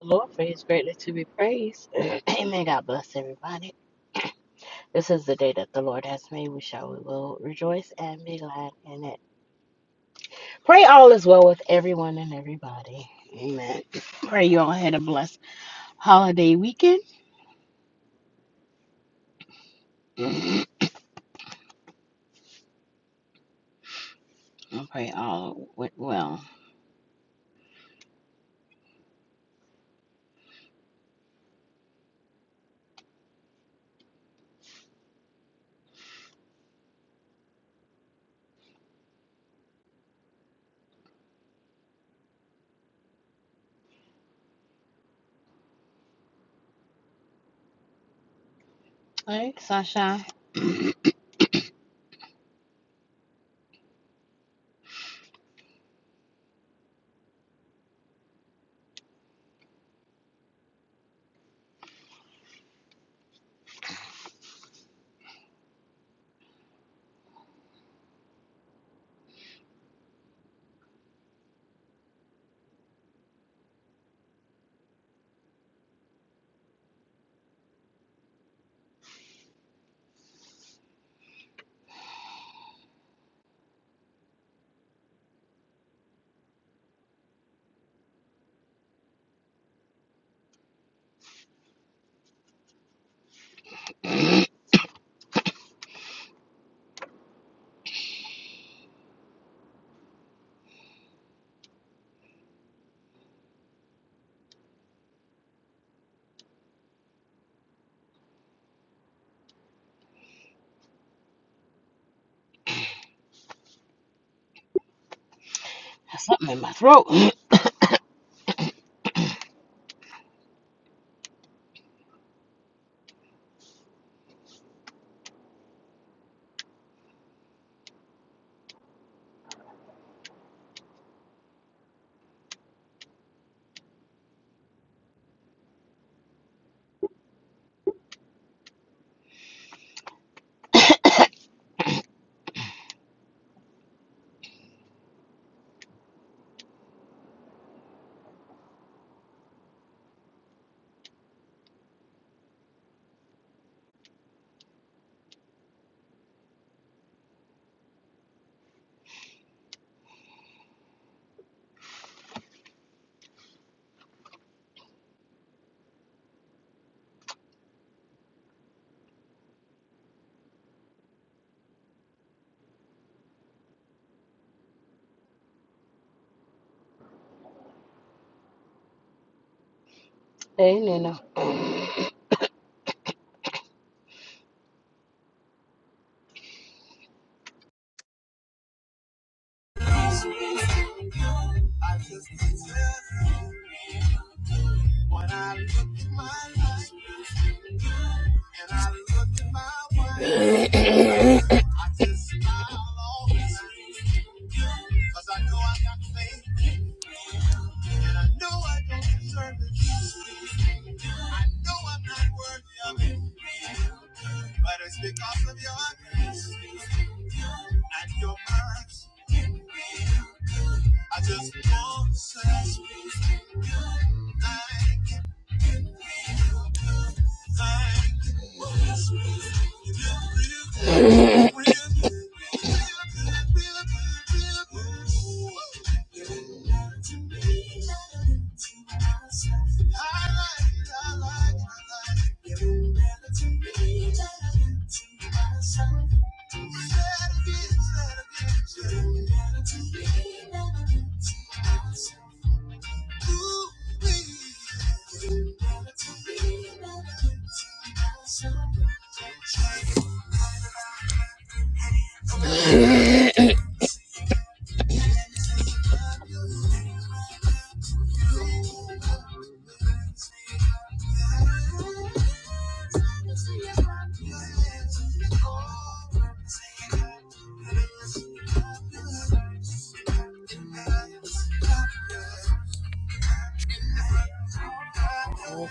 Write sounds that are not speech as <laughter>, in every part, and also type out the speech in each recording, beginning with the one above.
The Lord, for his greatness to be praised. <clears throat> Amen. God bless everybody. <clears throat> This is the day that the Lord has made. We shall, we will rejoice and be glad in it. Pray all is well with everyone and everybody. Amen. Pray you all had a blessed holiday weekend. <clears throat> I pray all went well. All right, Sunshine. <clears throat> That's Something in my throat. <clears throat> <coughs> hey, Nina. <coughs>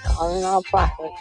Calling all prophets.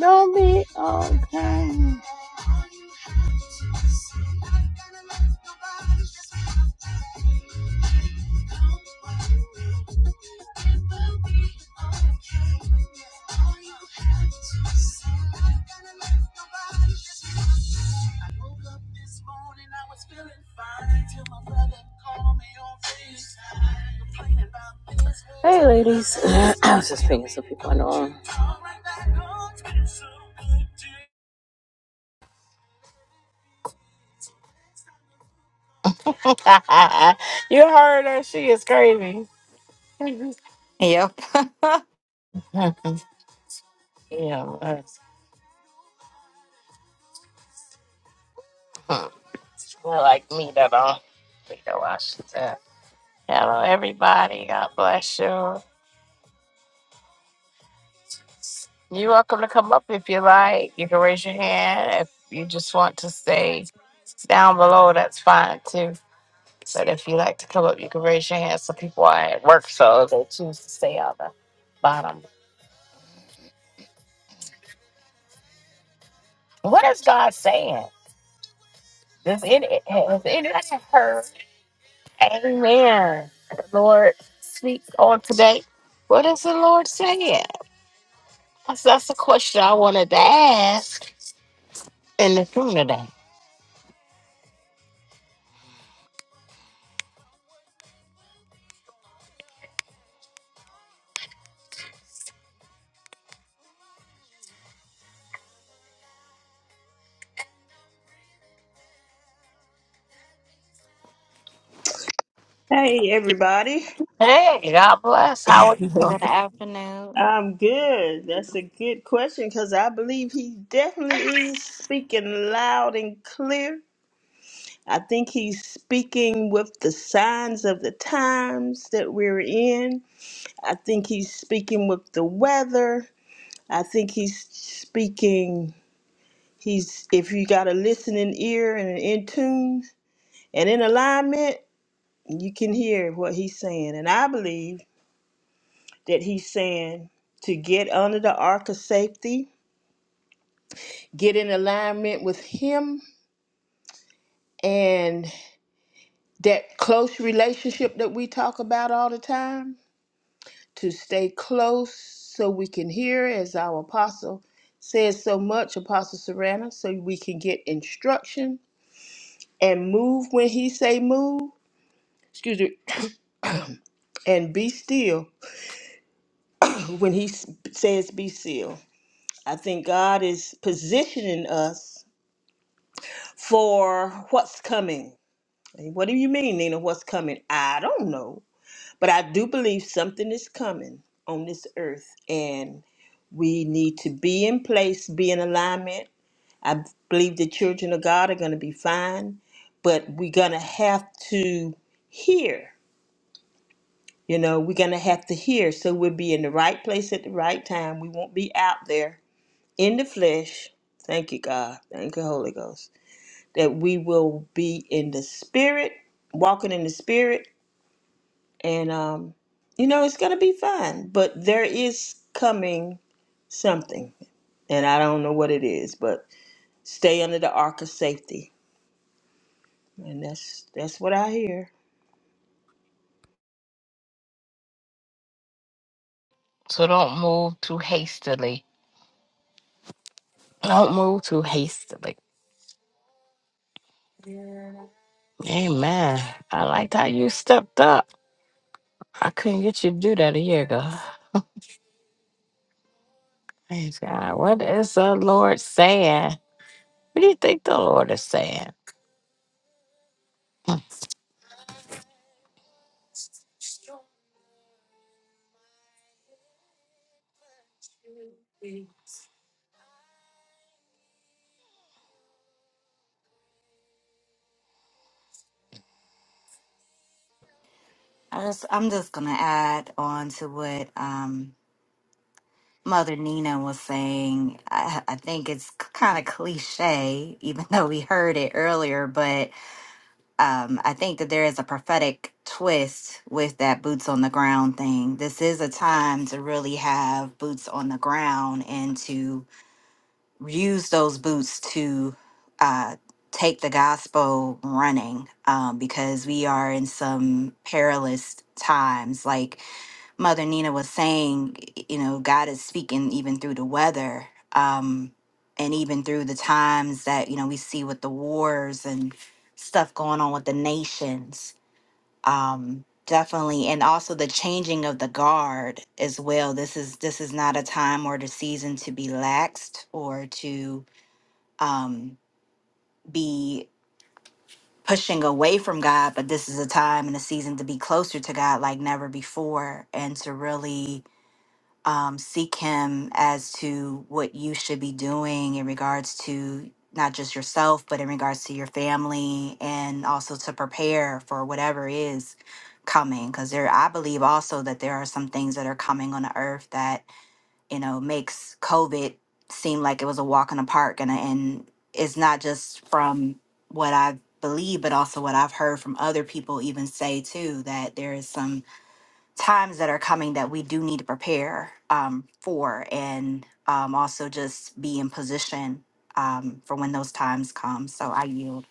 Don't be okay. <laughs> you heard her. She is crazy. Yep. <laughs> Huh. yeah, that's, hmm. Well, like me that don't think that why she's at. Hello, everybody. God bless you. You're welcome to come up if you like. You can raise your hand if you just want to stay down below. That's fine too. But if you like to come up, you can raise your hand. Some people are at work, so they choose to stay on the bottom. What is God saying? Does any has anyone heard? Amen. The Lord speaks on today. What is the Lord saying? That's, that's the question I wanted to ask in the room today. Hey, everybody. Hey, God bless. How are you? Good afternoon. I'm good. That's a good question because I believe he definitely is speaking loud and clear. I think he's speaking with the signs of the times that we're in. I think he's speaking with the weather. I think he's speaking. He's, if you got a listening ear and an in tune and in alignment, you can hear what he's saying. And I believe. that he's saying to get under the ark of safety, get in alignment with him and that close relationship that we talk about all the time, to stay close so we can hear, as our apostle says so much, Apostle Sarana, so we can get instruction and move when he say move. Excuse me, <coughs> and be still <coughs> when he s- says be still. I think God is positioning us for what's coming And What do you mean, Nina? What's coming? I don't know. But I do believe something is coming on this earth, and we need to be in place, be in alignment. I believe the children of God are going to be fine, but we're going to have to hear. You know, we're going to have to hear. So we'll be in the right place at the right time. We won't be out there in the flesh. Thank you, God. Thank you, Holy Ghost. That we will be in the spirit, walking in the spirit and um, you know it's gonna be fun. But there is coming something, and I don't know what it is. But stay under the arc of safety, and that's that's what I hear. Don't really go too hastily. Amen. I liked how you stepped up. I couldn't get you to do that a year ago. Praise God. What is the Lord saying? What do you think the Lord is saying? I just, I'm just gonna add on to what um, Mother Nina was saying. I, I think it's kind of cliche, even <laughs> though we heard it earlier. But um, I think that there is a prophetic twist with that boots on the ground thing. This is a time to really have boots on the ground and to use those boots to uh, take the gospel running um, because we are in some perilous times. Like Mother Nina was saying, y- you know, God is speaking even through the weather um, and even through the times that, you know, we see with the wars and stuff going on with the nations um definitely and also the changing of the guard as well this is this is not a time or the season to be laxed or to um be pushing away from god but this is a time and a season to be closer to god like never before and to really um, seek him as to what you should be doing in regards to not just yourself, but in regards to your family and also to prepare for whatever is coming. Because there, I believe also that there are some things that are coming on the earth that, you know, makes COVID seem like it was a walk in the park. And, and it's not just from what I believe, but also what I've heard from other people even say too, that there is some times that are coming that we do need to prepare um, for and um, also just be in position um, for when those times come. So I yield.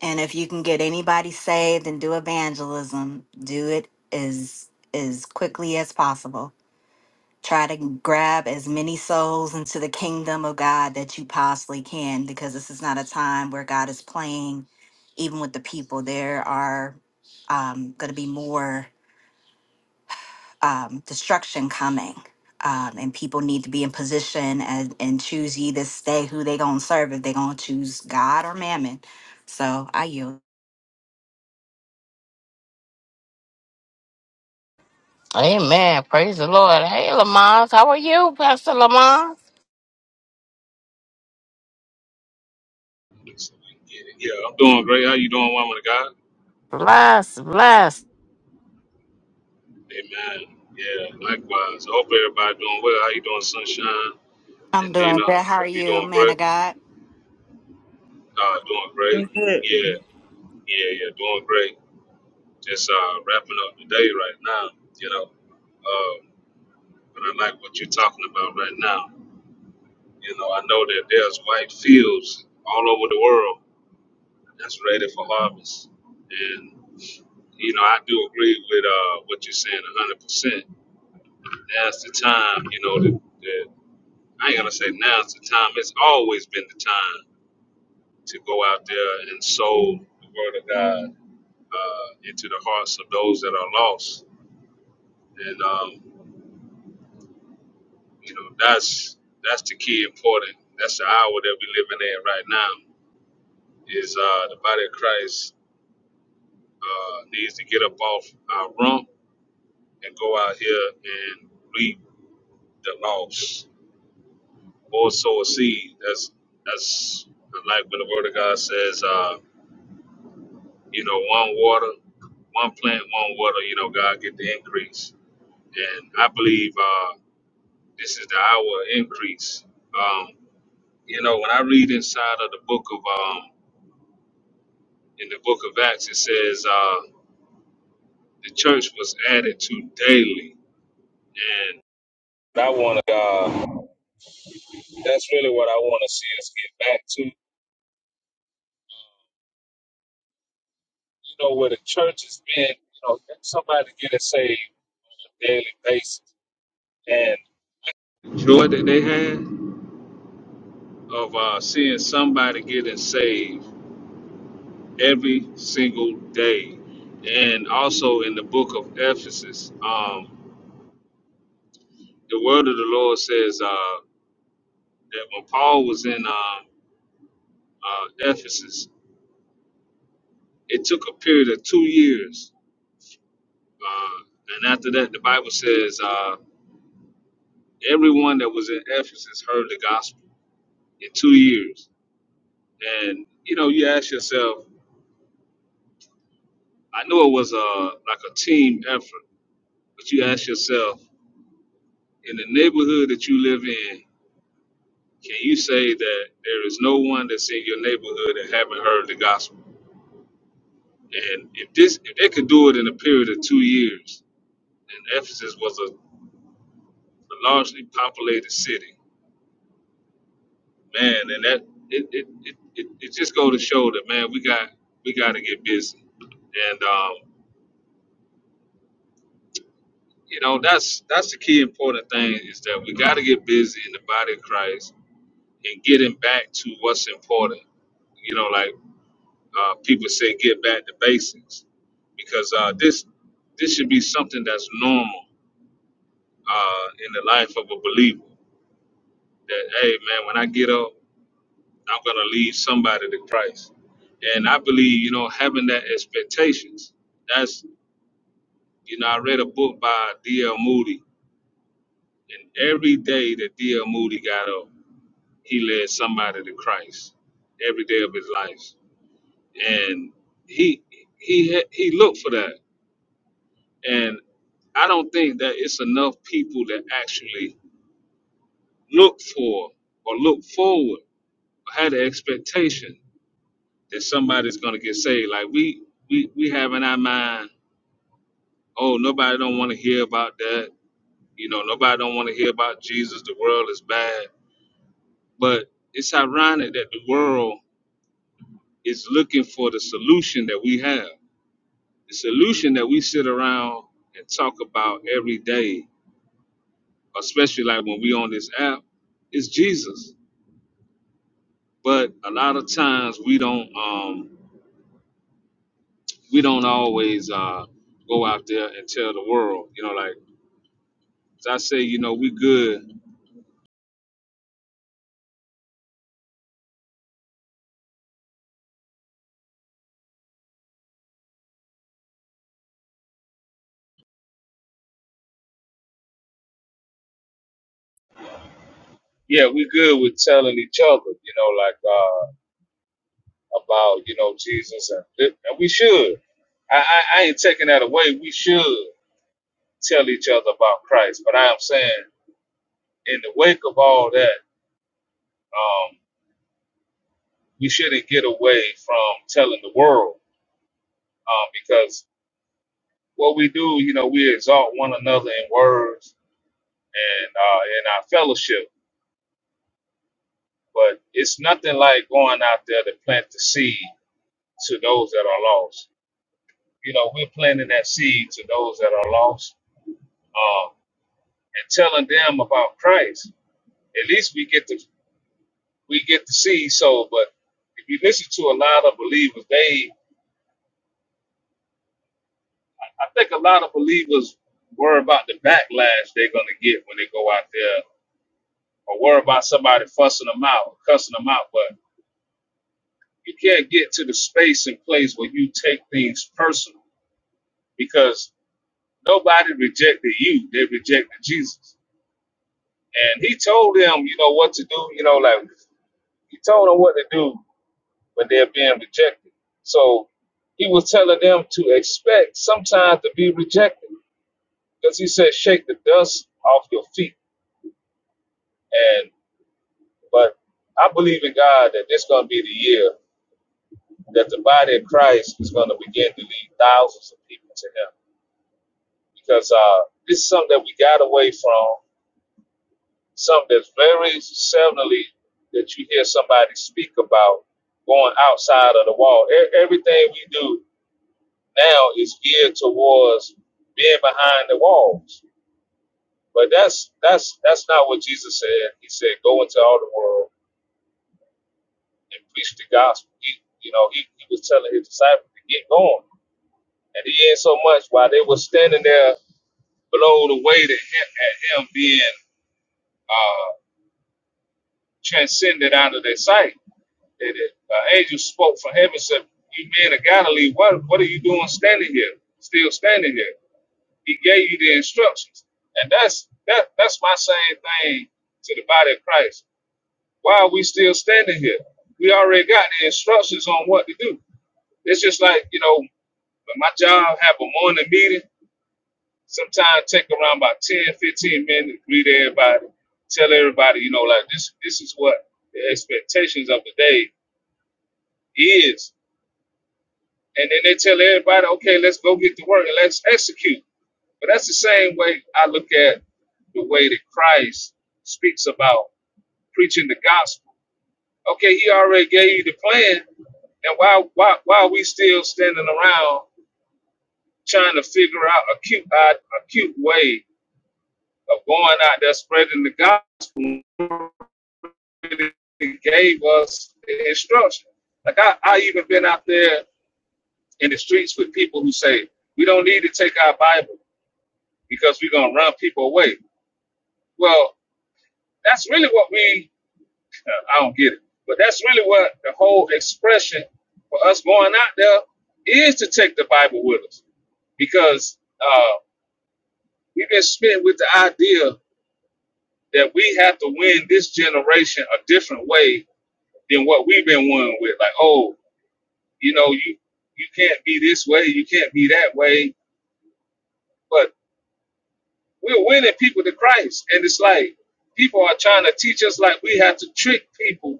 And if you can get anybody saved and do evangelism, do it as as quickly as possible. Try to grab as many souls into the kingdom of God that you possibly can, because this is not a time where God is playing, even with the people. There are um, going to be more um, destruction coming. Um, and people need to be in position and, and choose ye this day who they gonna serve if they gonna choose God or mammon. So I yield. Amen. Praise the Lord. Hey, Lamont. How are you, Pastor Lamont? Yeah, I'm doing great. How you doing, woman of God? Bless, bless. Amen. Yeah, likewise. I hope everybody doing well. How you doing, Sunshine I'm and doing Nina? good. How are Hope you you, doing man great. of God? Uh, doing great. Mhm. Yeah, yeah, yeah, doing great. Just uh, wrapping up the day right now, you know. Uh, but I like what you're talking about right now. You know, I know that there's white fields all over the world that's ready for harvest. And, you know, I do agree with uh, what you're saying 100%. Now's the time, you know, that, that I ain't gonna say now's the time. It's always been the time to go out there and sow the word of God uh, into the hearts of those that are lost. And um, you know, that's that's the key important. That's the hour that we're living in right now. Is uh, the body of Christ uh, needs to get up off our rump and go out here and reap the loss. or sow a seed. That's that's like when the word of God says, uh, you know, one water, one plant, one water, you know, God get the increase. And I believe uh, this is the hour of increase. Um, you know, when I read inside of the book of um, in the book of Acts, it says uh, the church was added to daily, and I want to. Uh, that's really what I want to see us get back to and days and joy that they had. of uh, seeing somebody getting saved every single day. And also in the book of Ephesus, um, the word of the Lord says uh, that when Paul was in uh, uh, Ephesus, it took a period of two years. Uh, and after that, the Bible says uh, everyone that was in Ephesus heard the gospel in two years. And, you know, you ask yourself, I know it was a like a team effort, but you ask yourself, in the neighborhood that you live in, can you say that there is no one that's in your neighborhood that haven't heard the gospel? And if this, if they could do it in a period of two years, and Ephesus was a, a largely populated city, man, and that it it, it, it it just go to show that man, we got we got to get busy, and um, you know that's that's the key important thing is that we got to get busy in the body of Christ and getting back to what's important you know, like Uh, people say get back to basics because uh, this this should be something that's normal uh, in the life of a believer. That hey man, when I get up, I'm gonna lead somebody to Christ. And I believe you know having that expectations. That's you know I read a book by D.L. Moody, and every day that D.L. Moody got up, he led somebody to Christ every day of his life, and he he had- he looked for that And I don't think that it's enough people that actually look for or look forward or have the expectation that somebody's gonna get saved. Like we we we have in our mind, oh nobody don't want to hear about that. You know, nobody don't want to hear about Jesus. The world is bad. But it's ironic that the world is looking for the solution that we have. The solution that we sit around and talk about every day especially like when we on this app, it's Jesus. But a lot of times we don't um we don't always uh go out there and tell the world, you know, like as I say, you know, we good. Yeah, we good with telling each other, you know, like uh about, you know, Jesus and, and we should. I, I I ain't taking that away. We should tell each other about Christ. But I am saying in the wake of all that, um, we shouldn't get away from telling the world um, because what we do, you know, we exalt one another in words and uh, in our fellowship. But it's nothing like going out there to plant the seed to those that are lost. You know, we're planting that seed to those that are lost um, and telling them about Christ. At least we get the we get the seed sold. But if you listen to a lot of believers, they I think a lot of believers worry about the backlash they're gonna get when they go out there, or worry about somebody fussing them out, cussing them out. But you can't get to the space and place where you take things personal because nobody rejected you they rejected jesus and he told them you know what to do you know like he told them what to do but they're being rejected so he was telling them to expect sometimes to be rejected because he said shake the dust off your feet and but i believe in god that this going to be the year that the body of christ is going to begin to lead thousands of people to him because uh, this is something that we got away from, something that's very seldomly that you hear somebody speak about going outside of the wall. E- everything we do now is geared towards being behind the walls. But that's that's that's not what Jesus said. He said, "Go into all the world and preach the gospel." He, you know, he, he was telling his disciples to get going, and he ain't so much while they were standing there blown away to him, at him being uh. transcended out of their sight. That an uh, angel spoke from heaven and said, You men of Galilee, what, what are you doing standing here? Still standing here. He gave you the instructions. And that's that that's my same thing to the body of Christ. Why are we still standing here? We already got the instructions on what to do. It's just like, you know, when my job have a morning meeting, sometimes take around about 10, 15 minutes, greet everybody, tell everybody, you know, like this this is what the expectations of the day is. And then they tell everybody, okay, let's go get to work and let's execute. But that's the same way I look at the way that Christ speaks about preaching the gospel. Okay, he already gave you the plan. And why why why are we still standing around trying to figure out a cute uh, a cute way of going out there spreading the gospel he gave us the instruction. Like I, I even been out there in the streets with people who say, we don't need to take our Bible. because we're going to run people away. Well, that's really what we, uh, I don't get it, but that's really what the whole expression for us going out there is to take the Bible with us because uh, we've been smitten with the idea that we have to win this generation a different way than what we've been winning with. Like, oh, you know, you, you can't be this way, you can't be that way, but we're winning people to Christ. And it's like people are trying to teach us like we have to trick people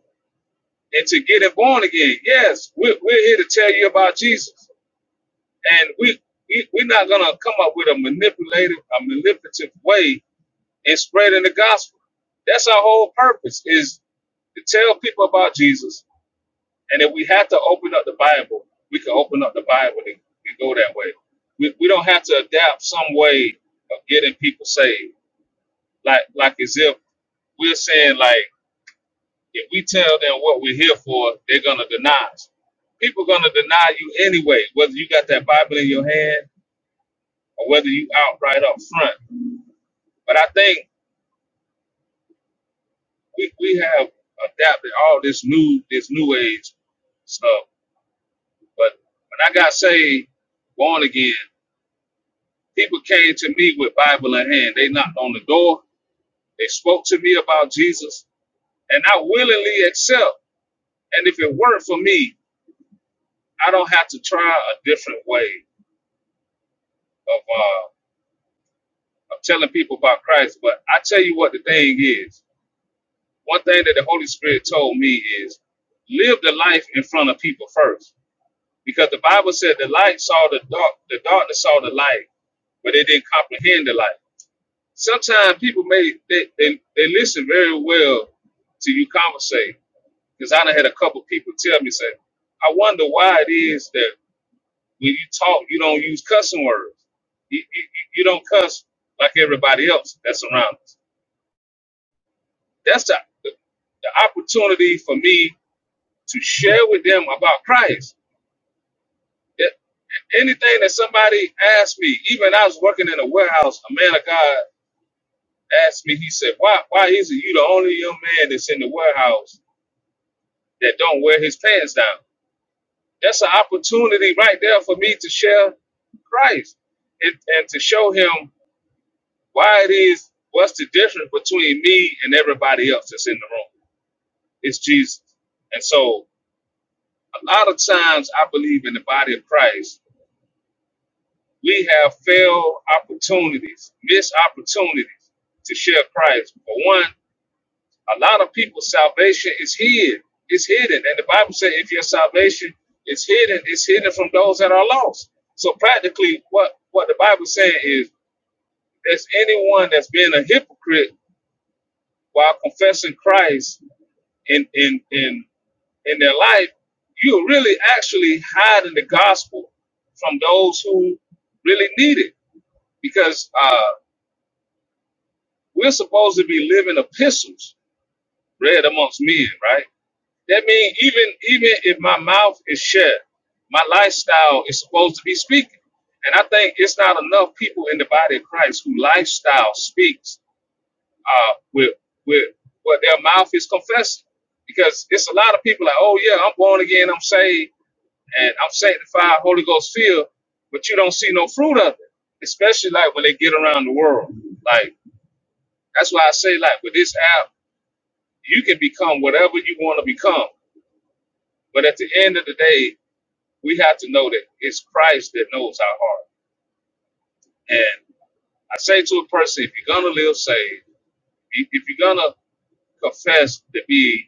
and to get it born again. Yes, we're, we're here to tell you about Jesus, and we, we we're not gonna come up with a manipulative, a manipulative way in spreading the gospel. That's our whole purpose is to tell people about Jesus, and if we have to open up the Bible, we can open up the Bible and, and go that way. We, we don't have to adapt some way of getting people saved, like like as if we're saying like If we tell them what we're here for, they're gonna deny us. People gonna deny you anyway, whether you got that Bible in your hand or whether you out right up front. But I think we, we have adapted all this new this new age stuff. But when I got saved, born again, people came to me with Bible in hand. They knocked on the door. They spoke to me about Jesus, and I willingly accept. And if it weren't for me, I don't have to try a different way of uh, of telling people about Christ. But I tell you what the thing is. One thing that the Holy Spirit told me is live the life in front of people first. Because the Bible said the light saw the dark, the darkness saw the light, but they didn't comprehend the light. Sometimes people may they, they, they listen very well to you conversate. Because I done had a couple people tell me, say, I wonder why it is that when you talk, you don't use cussing words. You, you, you don't cuss like everybody else that's around us That's the, the, the opportunity for me to share with them about Christ. If anything that somebody asked me, even I was working in a warehouse, a man of God asked me, he said, Why why is it you the only young man that's in the warehouse that don't wear his pants down? That's an opportunity right there for me to share Christ and, and to show him why it is, what's the difference between me and everybody else that's in the room. It's Jesus. And so a lot of times I believe in the body of Christ, we have failed opportunities, missed opportunities to share Christ. For one, a lot of people's salvation is hid. It's hidden. And the Bible says if your salvation is hidden, it's hidden from those that are lost. So practically what, what the Bible is saying is there's anyone that's being a hypocrite while confessing Christ in in in in their life, you're really actually hiding the gospel from those who really need it. Because uh, we're supposed to be living epistles read amongst men, right? That means even even if my mouth is shut, my lifestyle is supposed to be speaking. And I think it's not enough people in the body of Christ who lifestyle speaks uh, with with what their mouth is confessing. Because it's a lot of people like, oh yeah, I'm born again, I'm saved and I'm sanctified, Holy Ghost filled, but you don't see no fruit of it. Especially like when they get around the world. Like that's why I say like with this app, you can become whatever you want to become. But at the end of the day, we have to know that it's Christ that knows our heart. And I say to a person, if you're gonna live saved, if if you're gonna confess to be,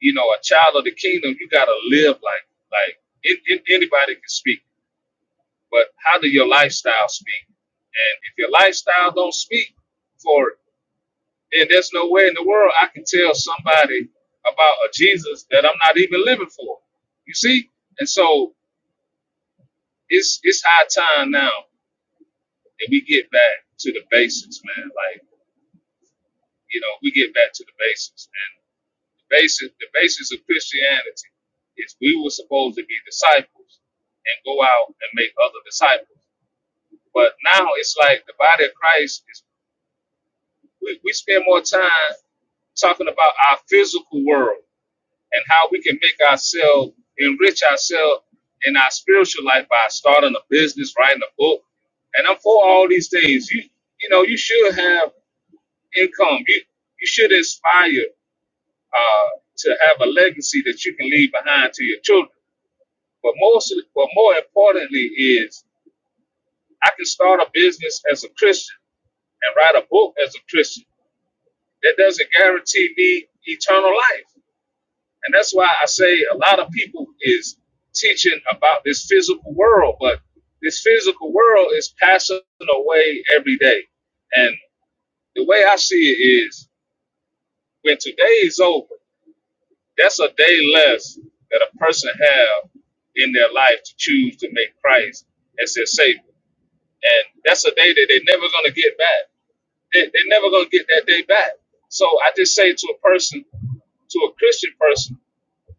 you know, a child of the kingdom, you gotta live like like it, it, anybody can speak. but how do your lifestyle speak? And if your lifestyle don't speak for it, then there's no way in the world I can tell somebody about a Jesus that I'm not even living for. You see? And so it's it's high time now that we get back to the basics, man. Like, you know, we get back to the basics. And the basic the basis of Christianity is we were supposed to be disciples and go out and make other disciples. But now it's like the body of Christ is we, we spend more time talking about our physical world and how we can make ourselves enrich ourselves in our spiritual life by starting a business, writing a book. And I'm for all these things. You you know, you should have income. You you should inspire uh, to have a legacy that you can leave behind to your children. But most but more importantly is I can start a business as a Christian and write a book as a Christian. That doesn't guarantee me eternal life And that's why I say a lot of people is teaching about this physical world, but this physical world is passing away every day. And the way I see it is when today is over, that's a day less that a person have in their life to choose to make Christ as their savior. And that's a day that they're never gonna get back. They, they're never gonna get that day back. So I just say to a person, to a Christian person,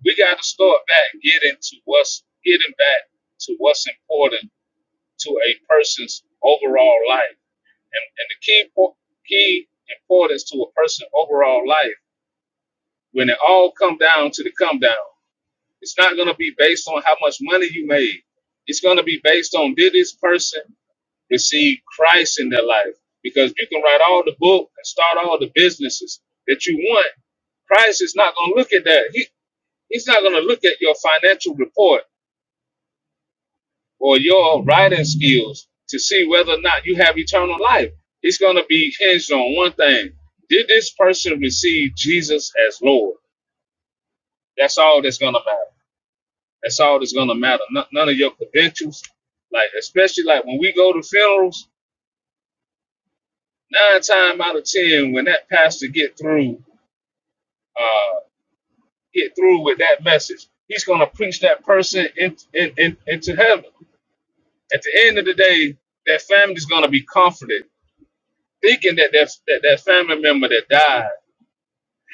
we got to start back getting to what's getting back to what's important to a person's overall life, and, and the key key importance to a person's overall life. When it all come down to the come down, it's not going to be based on how much money you made. It's going to be based on did this person receive Christ in their life? Because you can write all the book and start all the businesses that you want. Christ is not going to look at that. He, he's not going to look at your financial report or your writing skills to see whether or not you have eternal life. It's going to be hinged on one thing. Did this person receive Jesus as Lord? That's all that's going to matter. That's all that's going to matter. No- none of your credentials. Like, especially like when we go to funerals, nine times out of ten, when that pastor get through, uh, get through with that message, he's going to preach that person in, in, in, into heaven. At the end of the day, that family is going to be comforted thinking that that, that that family member that died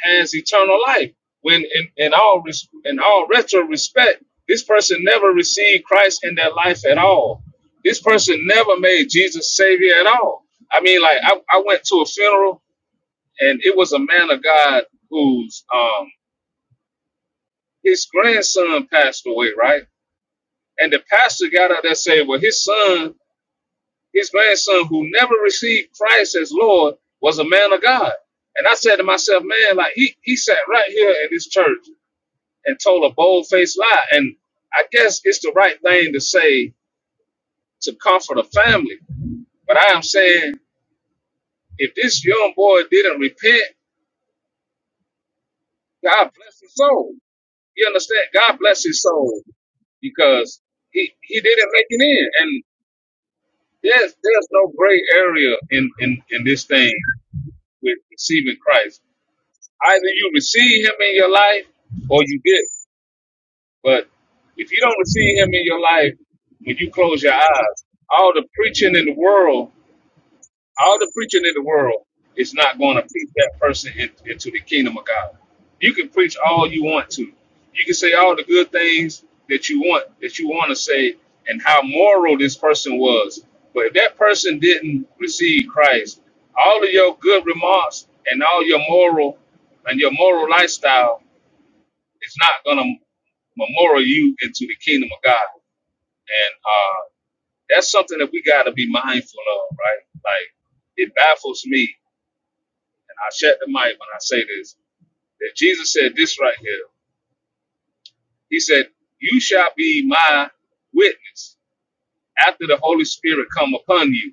has eternal life. When in, in all res- in all retro respect, this person never received Christ in their life at all. This person never made Jesus Savior at all. I mean, like I, I went to a funeral and it was a man of God whose um his grandson passed away, right? And the pastor got up there and said, "Well, his son His grandson, who never received Christ as Lord, was a man of God. And I said to myself, man, like he, he sat right here in this church and told a bold faced lie. And I guess it's the right thing to say to comfort a family. But I am saying, if this young boy didn't repent, God bless his soul. You understand? God bless his soul because he, he didn't make it in. And there's there's no gray area in, in, in this thing with receiving Christ. Either you receive him in your life or you didn't. But if you don't receive him in your life, when you close your eyes, all the preaching in the world, all the preaching in the world is not going to preach that person in- into the kingdom of God. You can preach all you want to. You can say all the good things that you want, that you want to say, and how moral this person was. But if that person didn't receive Christ, all of your good remarks and all your moral and your moral lifestyle it's not going to memorial you into the kingdom of God. And uh, that's something that we got to be mindful of, right? Like, it baffles me, and I shut the mic when I say this, that Jesus said this right here. He said, You shall be my witness after the Holy Spirit come upon you.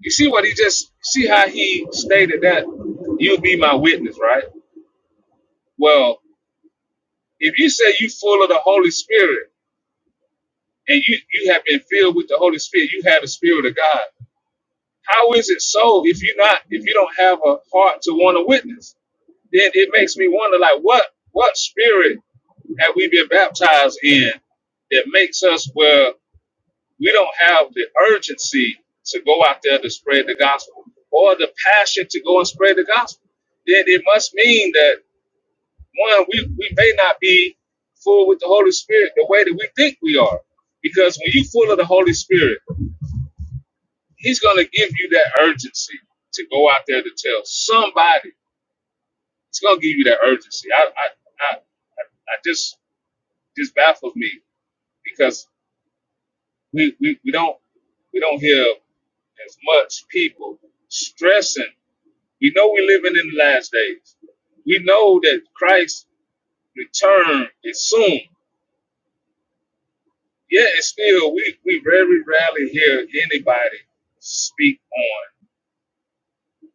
You see what he just, see how he stated that? You'll be my witness, right? Well, if you say you full of the Holy Spirit and you, you have been filled with the Holy Spirit, you have the Spirit of God How is it so if you not if you don't have a heart to want to witness? Then it makes me wonder like what what spirit have we been baptized in that makes us where we don't have the urgency to go out there to spread the gospel or the passion to go and spread the gospel? Then it must mean that one, we, we may not be full with the Holy Spirit the way that we think we are. Because when you're full of the Holy Spirit, He's going to give you that urgency to go out there to tell somebody. He's going to give you that urgency. I, I, I, I just just baffles me because we, we, we don't we don't hear as much people stressing. We know we're living in the last days. We know that Christ's return is soon. Yet it's still we, we very rarely hear anybody speak on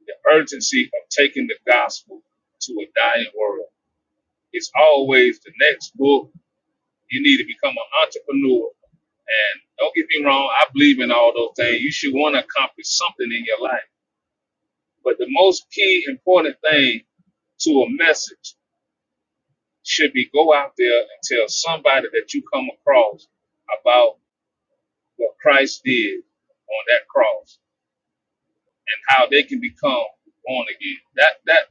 the urgency of taking the gospel to a dying world. It's always the next book. You need to become an entrepreneur. And don't get me wrong, I believe in all those things. You should want to accomplish something in your life. But the most key important thing to a message should be go out there and tell somebody that you come across about what Christ did on that cross and how they can become born again. That that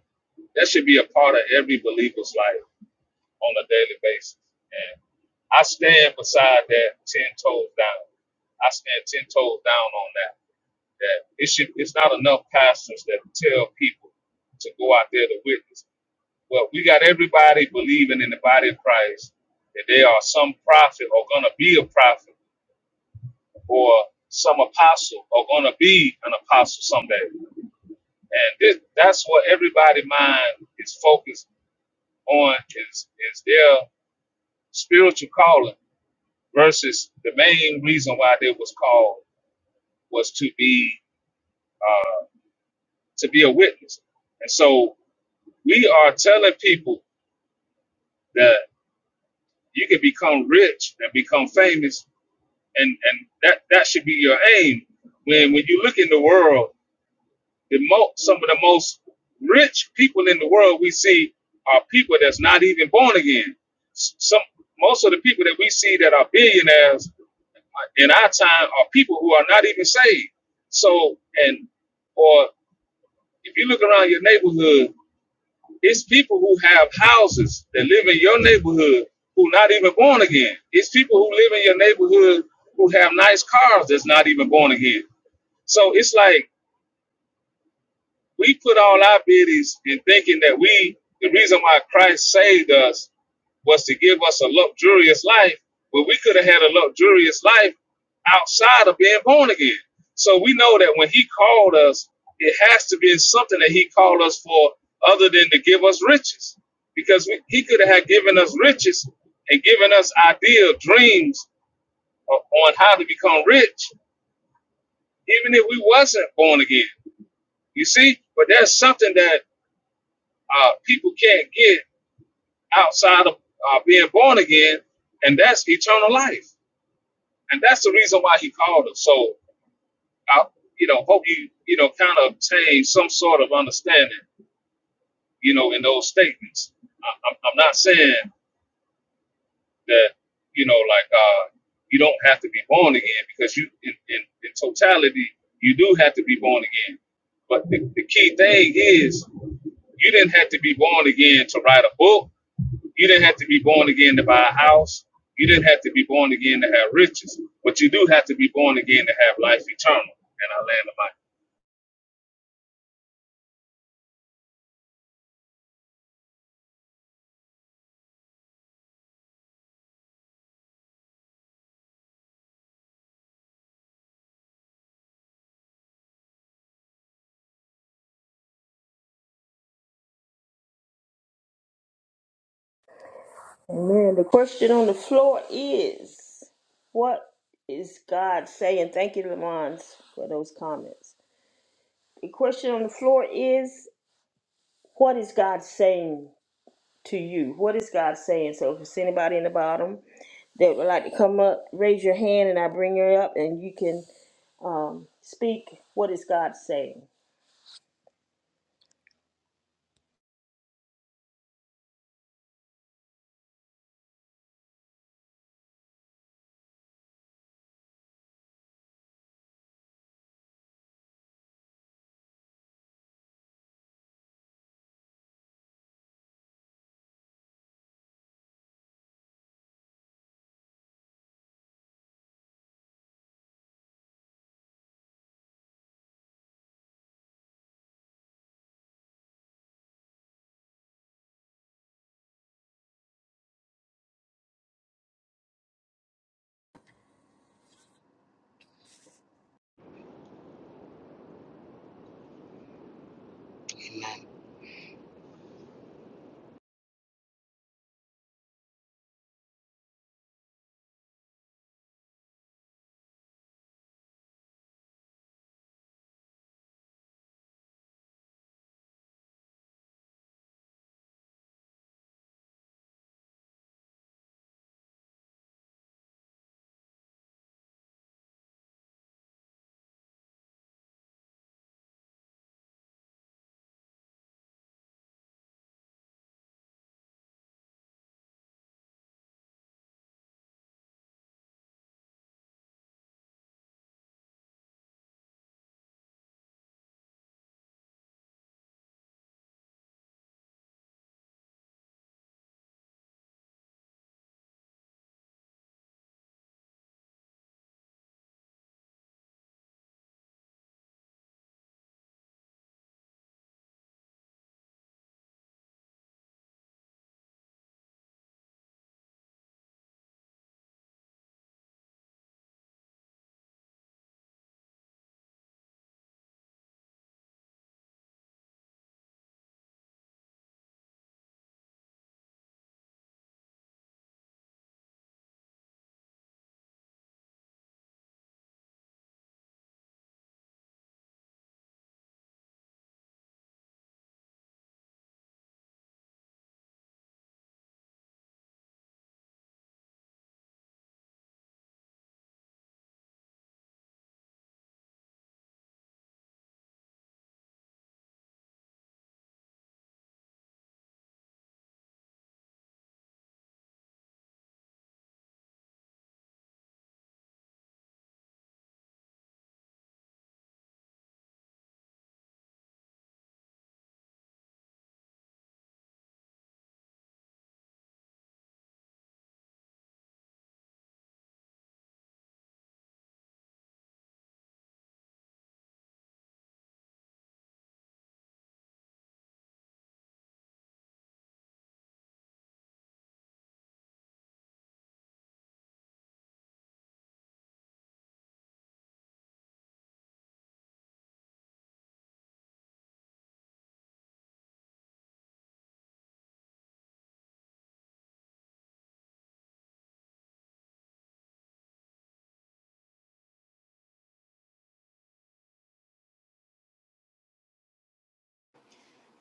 that should be a part of every believer's life. on a daily basis. And I stand beside that ten toes down. I stand ten toes down on that. That it should it's not enough pastors that tell people to go out there to witness. Well, we got everybody believing in the body of Christ that they are some prophet or gonna be a prophet or some apostle or gonna be an apostle someday. And this that's what everybody mind is focused on is is their spiritual calling versus the main reason why they was called was to be uh, to be a witness. And so we are telling people that you can become rich and become famous, and and that that should be your aim. When when you look in the world The mo- some of the most rich people in the world we see are people that's not even born again. S- Some most of the people that we see that are billionaires uh, in our time are people who are not even saved. So, and or if you look around your neighborhood, it's people who have houses that live in your neighborhood who not even born again. It's people who live in your neighborhood who have nice cars that's not even born again. So it's like We put all our biddies in thinking that we, the reason why Christ saved us was to give us a luxurious life, but we could have had a luxurious life outside of being born again. So we know that when he called us, it has to be something that he called us for other than to give us riches. Because we, he could have given us riches and given us ideal dreams o- on how to become rich, even if we wasn't born again. You see? But that's something that uh, people can't get outside of uh, being born again, and that's eternal life. And that's the reason why he called us. So I, you know, hope you, you know, kind of obtain some sort of understanding, you know, in those statements. I, I'm, I'm not saying that, you know, like uh, you don't have to be born again because you, in, in, in totality, you do have to be born again. But the, the key thing is, you didn't have to be born again to write a book You didn't have to be born again to buy a house. You didn't have to be born again to have riches, but you do have to be born again to have life eternal. And I land on my Amen. The question on the floor is, what is God saying? Thank you, Lamont, for those comments. The question on the floor is, what is God saying to you? What is God saying? So, if it's anybody in the bottom. that would like to come up, raise your hand and I bring her up and you can um, speak what is God saying.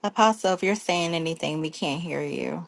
Apostle, if you're saying anything, we can't hear you.